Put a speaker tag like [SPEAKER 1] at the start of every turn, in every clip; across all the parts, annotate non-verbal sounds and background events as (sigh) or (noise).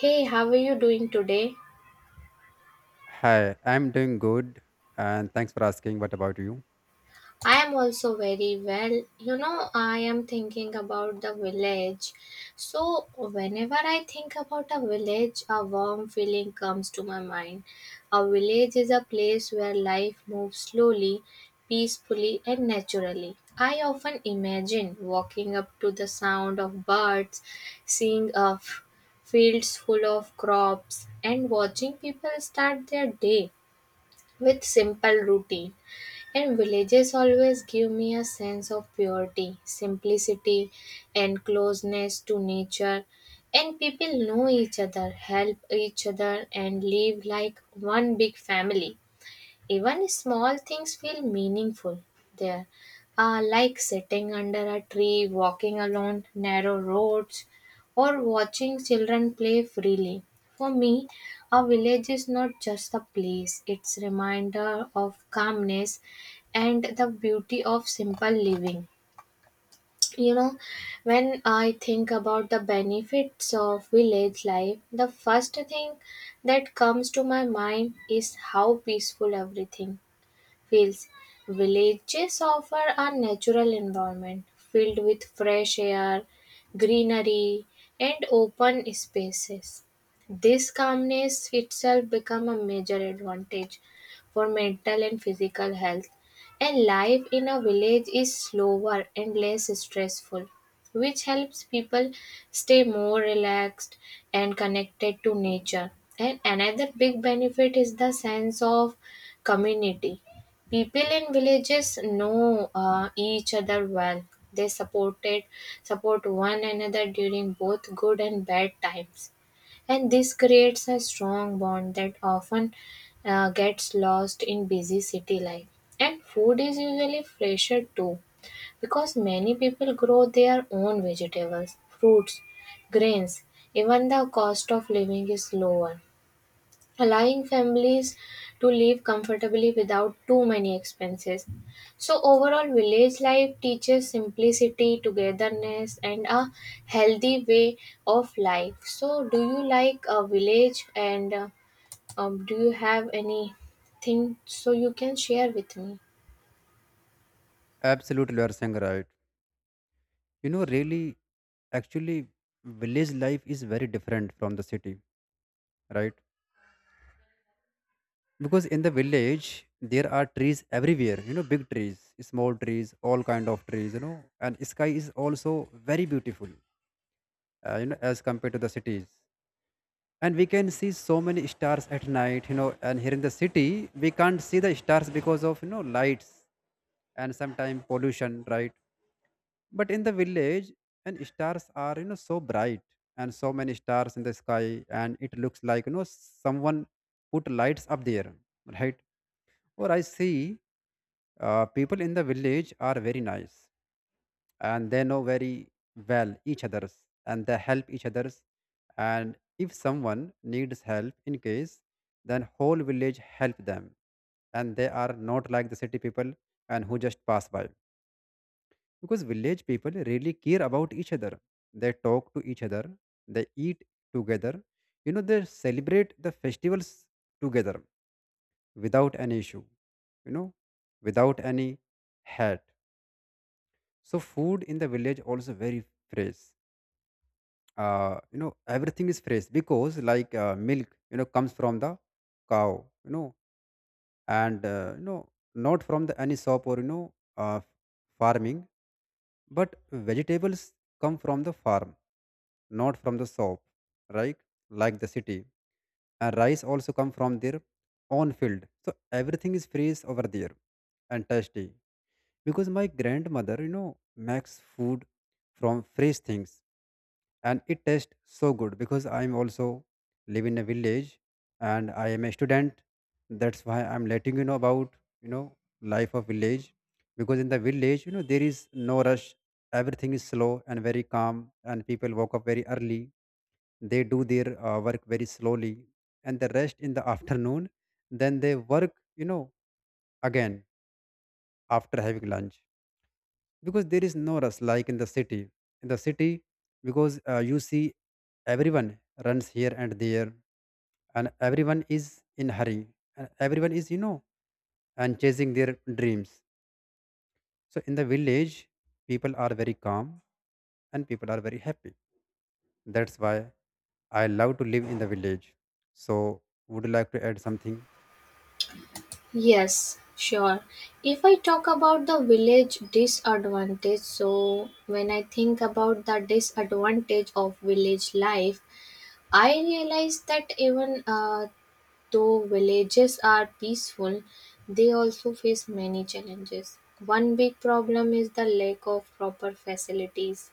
[SPEAKER 1] Hey, how are you doing today?
[SPEAKER 2] Hi, I'm doing good and thanks for asking. What about you?
[SPEAKER 1] I am also very well. You know, I am thinking about the village. So, whenever I think about a village, a warm feeling comes to my mind. A village is a place where life moves slowly, peacefully, and naturally. I often imagine walking up to the sound of birds, seeing fields full of crops, and watching people start their day with simple routine. And villages always give me a sense of purity, simplicity, and closeness to nature. And people know each other, help each other, and live like one big family. Even small things feel meaningful there, like sitting under a tree, walking along narrow roads, or watching children play freely. For me, a village is not just a place, it's a reminder of calmness and the beauty of simple living. You know, when I think about the benefits of village life, the first thing that comes to my mind is how peaceful everything fields. Villages offer a natural environment filled with fresh air, greenery, and open spaces. This calmness itself becomes a major advantage for mental and physical health. And life in a village is slower and less stressful, which helps people stay more relaxed and connected to nature. And another big benefit is the sense of community. People in villages know each other well. They supported Support one another during both good and bad times, and this creates a strong bond that often gets lost in busy city life. And food is usually fresher too, because many people grow their own vegetables, fruits, grains. Even the cost of living is lower, allowing families to live comfortably without too many expenses. So, overall, village life teaches simplicity, togetherness, and a healthy way of life. So, do you like a village and do you have anything so you can share with me?
[SPEAKER 2] Absolutely, you are saying right. You know, really, actually, village life is very different from the city, right? Because in the village, there are trees everywhere, you know, big trees, small trees, all kind of trees, you know, and sky is also very beautiful, you know, as compared to the cities. And we can see so many stars at night, you know, and here in the city, we can't see the stars because of, you know, lights and sometimes pollution, right? But in the village, and stars are you know so bright, and so many stars in the sky, and it looks like you know someone put lights up there, right? Or I see people in the village are very nice, and they know very well each others, and they help each others. And if someone needs help in case, then whole village help them, and they are not like the city people and who just pass by, because village people really care about each other, they talk to each other, they eat together, you know, they celebrate the festivals together without any issue, you know, without any hat. So food in the village also very fresh, you know, everything is fresh because like milk you know comes from the cow, you know, and you know, not from the any shop or you know, uh, farming, but vegetables come from the farm, not from the shop, right? Like the city. And rice also come from their own field. So everything is fresh over there and tasty, because my grandmother you know makes food from fresh things, and it tastes so good because I'm also live in a village and I am a student. That's why I'm letting you know about, you know, life of village. Because in the village you know there is no rush, everything is slow and very calm, and people woke up very early, they do their work very slowly and the rest in the (laughs) afternoon, then they work you know again after having lunch, because there is no rush like in the city. In the city because you see everyone runs here and there, and everyone is in hurry, and everyone is you know and chasing their dreams. So in the village, people are very calm and people are very happy. That's why I love to live in the village. So would you like to add something?
[SPEAKER 1] Yes, sure. If I talk about the village disadvantage, so when I think about the disadvantage of village life, I realized that even though villages are peaceful, they also face many challenges. One big problem is the lack of proper facilities.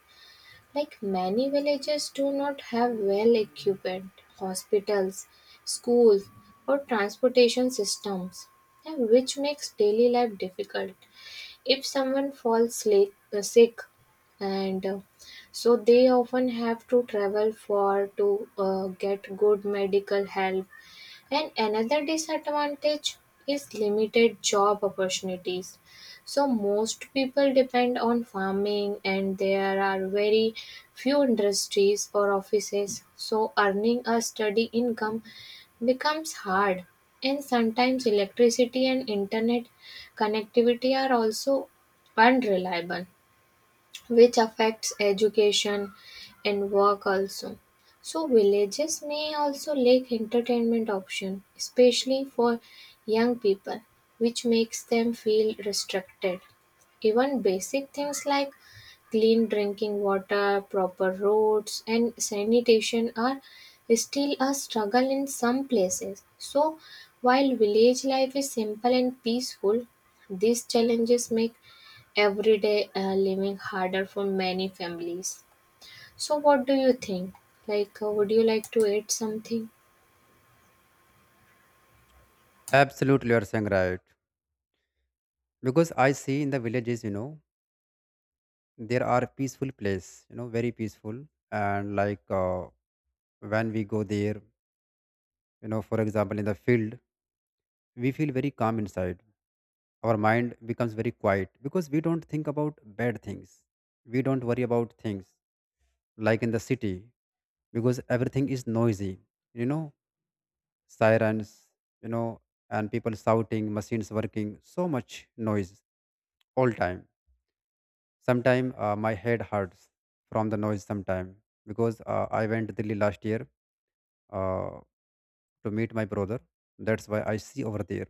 [SPEAKER 1] Like many villages do not have well equipped hospitals, schools, or transportation systems, and which makes daily life difficult if someone falls sick and so they often have to travel for to get good medical help. And another disadvantage is limited job opportunities. So, most people depend on farming, and there are very few industries or offices. So, earning a steady income becomes hard. And sometimes electricity and internet connectivity are also unreliable, which affects education and work also. So villages may also lack entertainment option, especially for young people, which makes them feel restricted. Even basic things like clean drinking water, proper roads, and sanitation are still a struggle in some places. So, while village life is simple and peaceful, these challenges make everyday living harder for many families. So, what do you think? Like, would you like to add something?
[SPEAKER 2] Absolutely, you are saying right. Because I see in the villages, you know, there are peaceful place, you know, very peaceful, and like when we go there, you know, for example in the field, we feel very calm inside, our mind becomes very quiet because we don't think about bad things, we don't worry about things like in the city, because everything is noisy, you know, sirens, you know, and people shouting, machines working, so much noise all time. Sometime my head hurts from the noise sometime, because I went delhi last year uh, to meet my brother. That's why I see over there.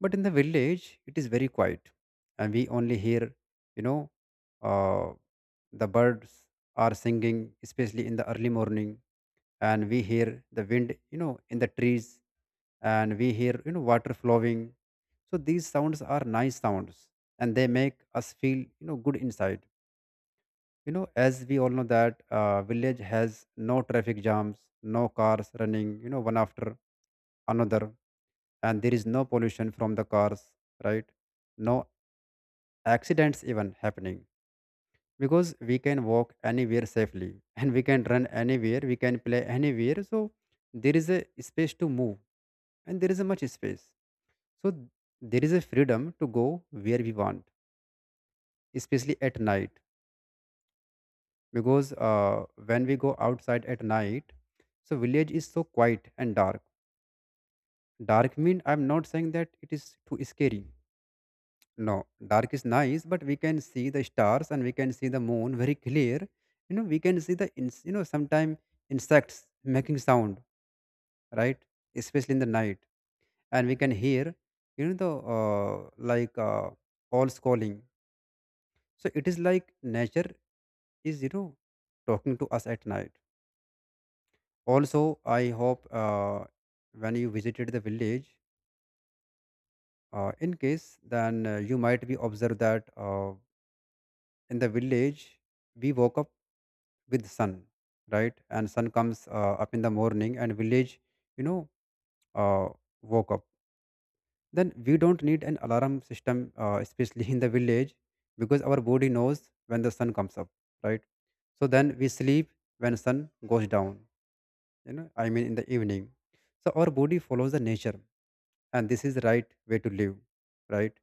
[SPEAKER 2] But in the village it is very quiet, and we only hear, you know, uh, the birds are singing, especially in the early morning, and we hear the wind you know in the trees, and we hear you know water flowing. So these sounds are nice sounds, and they make us feel you know good inside. You know, as we all know that village has no traffic jams, no cars running you know one after another, and there is no pollution from the cars, right? No accidents even happening, because we can walk anywhere safely (laughs) and we can run anywhere, we can play anywhere. So there is a space to move, and there is a much space. So there is a freedom to go where we want, especially at night. Because when we go outside at night, so village is so quiet and dark. Dark mean I'm not saying that it is too scary. No, dark is nice, but we can see the stars and we can see the moon very clear. You know, we can see the you know sometimes insects making sound, right? Especially in the night, and we can hear you know the owls calling. So it is like nature is you know talking to us at night. Also, I hope when you visited the village, in case, then you might be observed that in the village we woke up with sun, right? And sun comes up in the morning and village, you know, uh, woke up. Then we don't need an alarm system, especially (laughs) in the village, because our body knows when the sun comes up, right? So then we sleep when sun goes down, you know, I mean in the evening. So our body follows the nature, and this is the right way to live, right?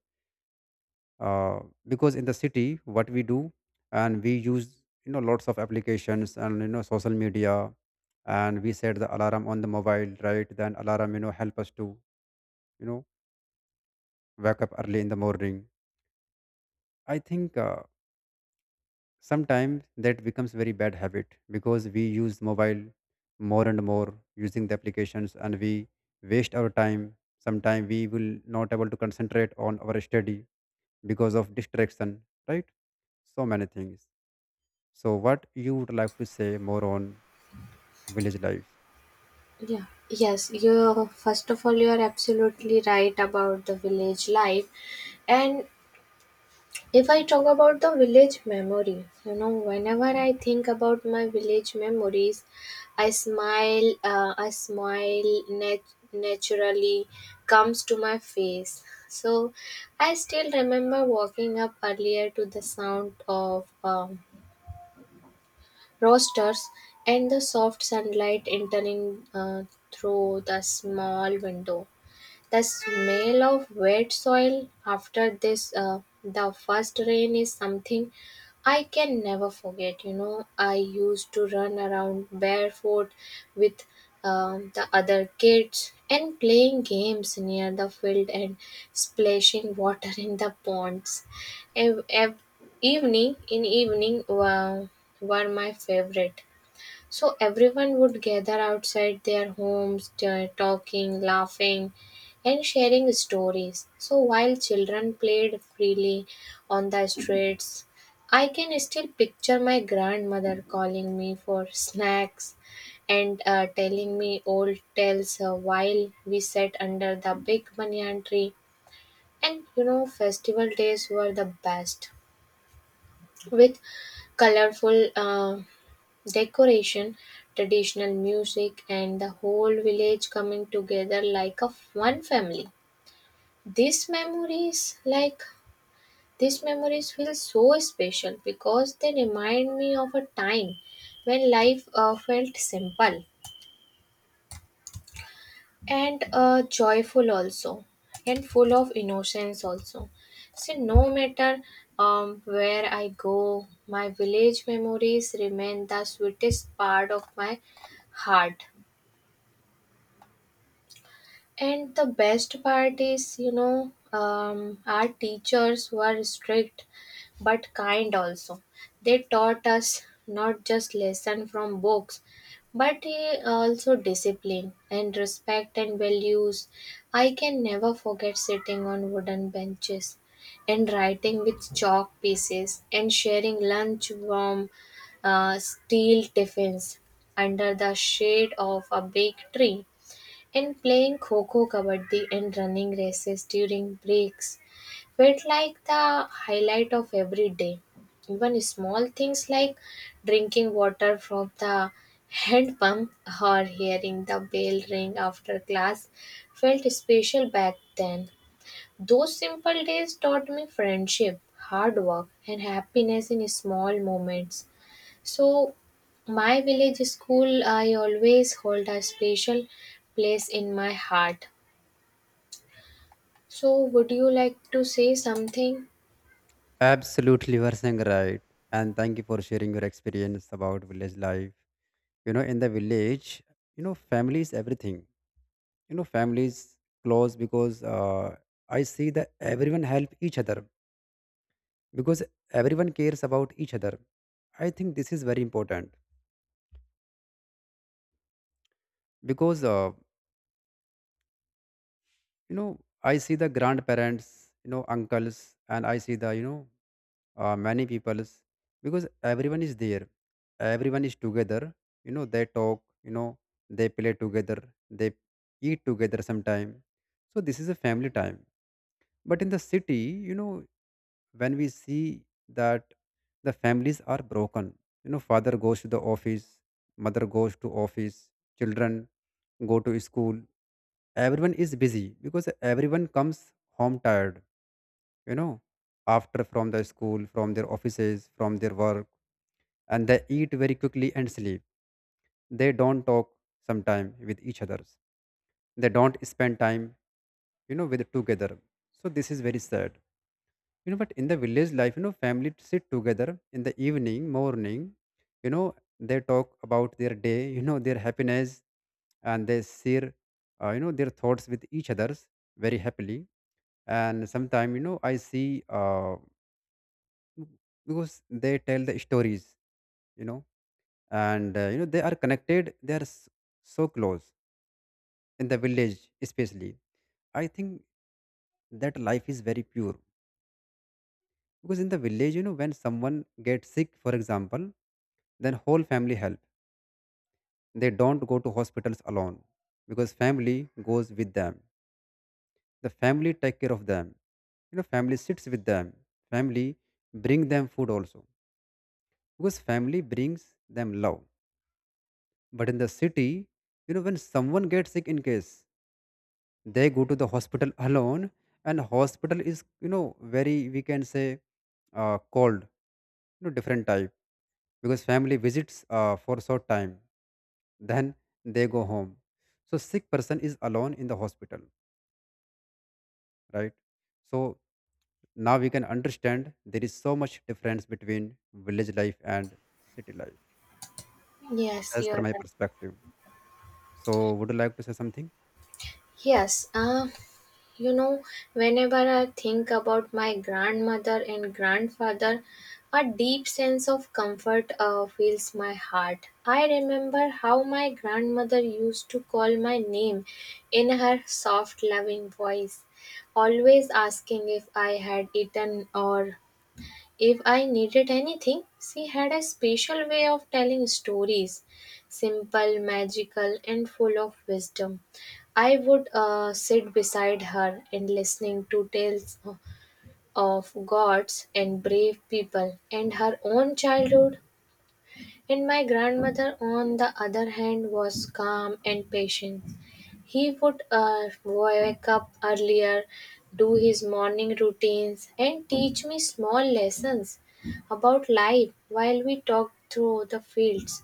[SPEAKER 2] uh, because in the city what we do, and we use you know lots of applications and you know social media, and we set the alarm on the mobile, right? Then alarm you know help us to, you know, wake up early in the morning. I think sometimes that becomes very bad habit, because we use mobile more and more using the applications, and we waste our time. Sometimes we will not able to concentrate on our study because of distraction, right? So many things. So, what you would like to say more on village life?
[SPEAKER 1] Yeah. Yes, you first of all, you are absolutely right about the village life, and if I talk about the village memory, you know, whenever I think about my village memories, I smile. I smile naturally comes to my face. So, I still remember walking up earlier to the sound of roasters and the soft sunlight entering through the small window. The smell of wet soil after this the first rain is something I can never forget. You know, I used to run around barefoot with the other kids and playing games near the field and splashing water in the ponds. Ev- ev- Evening in evening were my favorite, so everyone would gather outside their homes, talking, laughing, and sharing stories. So while children played freely on the streets, I can still picture my grandmother calling me for snacks and telling me old tales while we sat under the big banyan tree. And you know, festival days were the best with colorful decoration, traditional music and the whole village coming together like a one family. These memories like these memories feel so special because they remind me of a time when life felt simple and joyful also and full of innocence also. See, no matter where I go, my village memories remain the sweetest part of my heart. And the best part is, you know, our teachers were strict but kind also. They taught us not just lesson from books, but also discipline and respect and values. I can never forget sitting on wooden benches and writing with chalk pieces and sharing lunch from steel tiffins under the shade of a big tree. And playing kho Coco Kabaddi and running races during breaks felt like the highlight of every day. Even small things like drinking water from the hand pump or hearing the bell ring after class felt special back then. Those simple days taught me friendship, hard work, and happiness in small moments. So, my village school, I always hold a special place in my heart. So, would you like to say something?
[SPEAKER 2] Absolutely, you are saying right. And thank you for sharing your experience about village life. You know, in the village, you know, family is everything. You know, family is close because I see that everyone help each other, because everyone cares about each other. I think this is very important, because you know I see the grandparents, you know, uncles, and I see the you know many peoples, because everyone is there, everyone is together, you know they talk, you know, they play together, they eat together sometime. So this is a family time. But in the city, you know, when we see that the families are broken, you know, father goes to the office, mother goes to office, children go to school, everyone is busy, because everyone comes home tired, you know, after from the school, from their offices, from their work, and they eat very quickly and sleep. They don't talk sometime with each others, they don't spend time, you know, with together. So this is very sad, you know. But in the village life, you know, family sit together in the evening morning, you know, they talk about their day, you know, their happiness, and they share, you know, their thoughts with each others very happily. And sometime, you know I see Mm, because they tell the stories, you know, and you know they are connected, they are so close in the village especially. I think that life is very pure, because in the village you know when someone gets sick for example, then whole family help, they don't go to hospitals alone, because family goes with them, the family take care of them, you know, family sits with them, family bring them food also, because family brings them love. But in the city, you know, when someone gets sick in case, they go to the hospital alone, and hospital is, you know, very, we can say, cold, you know, different type, because family visits for short time, then they go home. So sick person is alone in the hospital, right? So now we can understand there is so much difference between village life and city life,
[SPEAKER 1] Yes,
[SPEAKER 2] as
[SPEAKER 1] you
[SPEAKER 2] per
[SPEAKER 1] are
[SPEAKER 2] my
[SPEAKER 1] right.
[SPEAKER 2] perspective. So would you like to say something?
[SPEAKER 1] Yes, you know, whenever I think about my grandmother and grandfather, a deep sense of comfort fills my heart. I remember how my grandmother used to call my name in her soft, loving voice, always asking if I had eaten or if I needed anything. She had a special way of telling stories, simple, magical, and full of wisdom. I would sit beside her and listening to tales of gods and brave people and her own childhood. And my grandmother, on the other hand, was calm and patient. He would wake up earlier, do his morning routines, and teach me small lessons about life while we talked through the fields.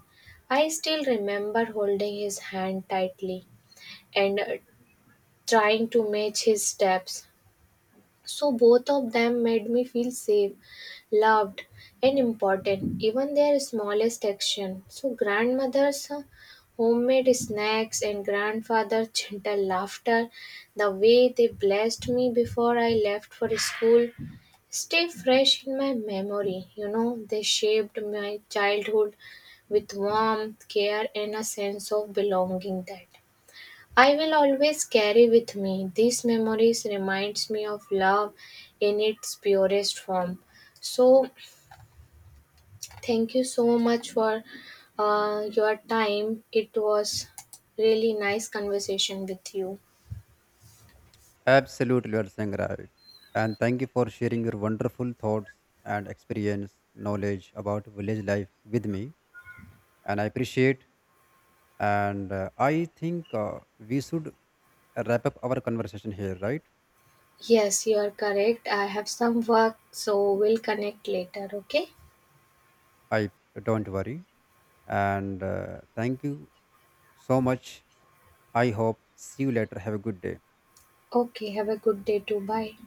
[SPEAKER 1] I still remember holding his hand tightly and trying to match his steps, so both of them made me feel safe, loved, and important, even their smallest action. So grandmother's homemade snacks and grandfather's (laughs) gentle laughter, the way they blessed me before I left for school, stay fresh in my memory. You know, they shaped my childhood with warmth, care, and a sense of belonging that I will always carry with me. These memories reminds me of love in its purest form. So thank you so much for your time. It was really nice conversation with you.
[SPEAKER 2] Absolutely, you are saying right. And thank you for sharing your wonderful thoughts and experience, knowledge about village life with me. And I appreciate. And I think we should wrap up our conversation here, right?
[SPEAKER 1] Yes, you are correct. I have some work so we'll connect later, okay?
[SPEAKER 2] I don't worry. And thank you so much. I hope see you later. Have a good day.
[SPEAKER 1] Okay, have a good day too. Bye.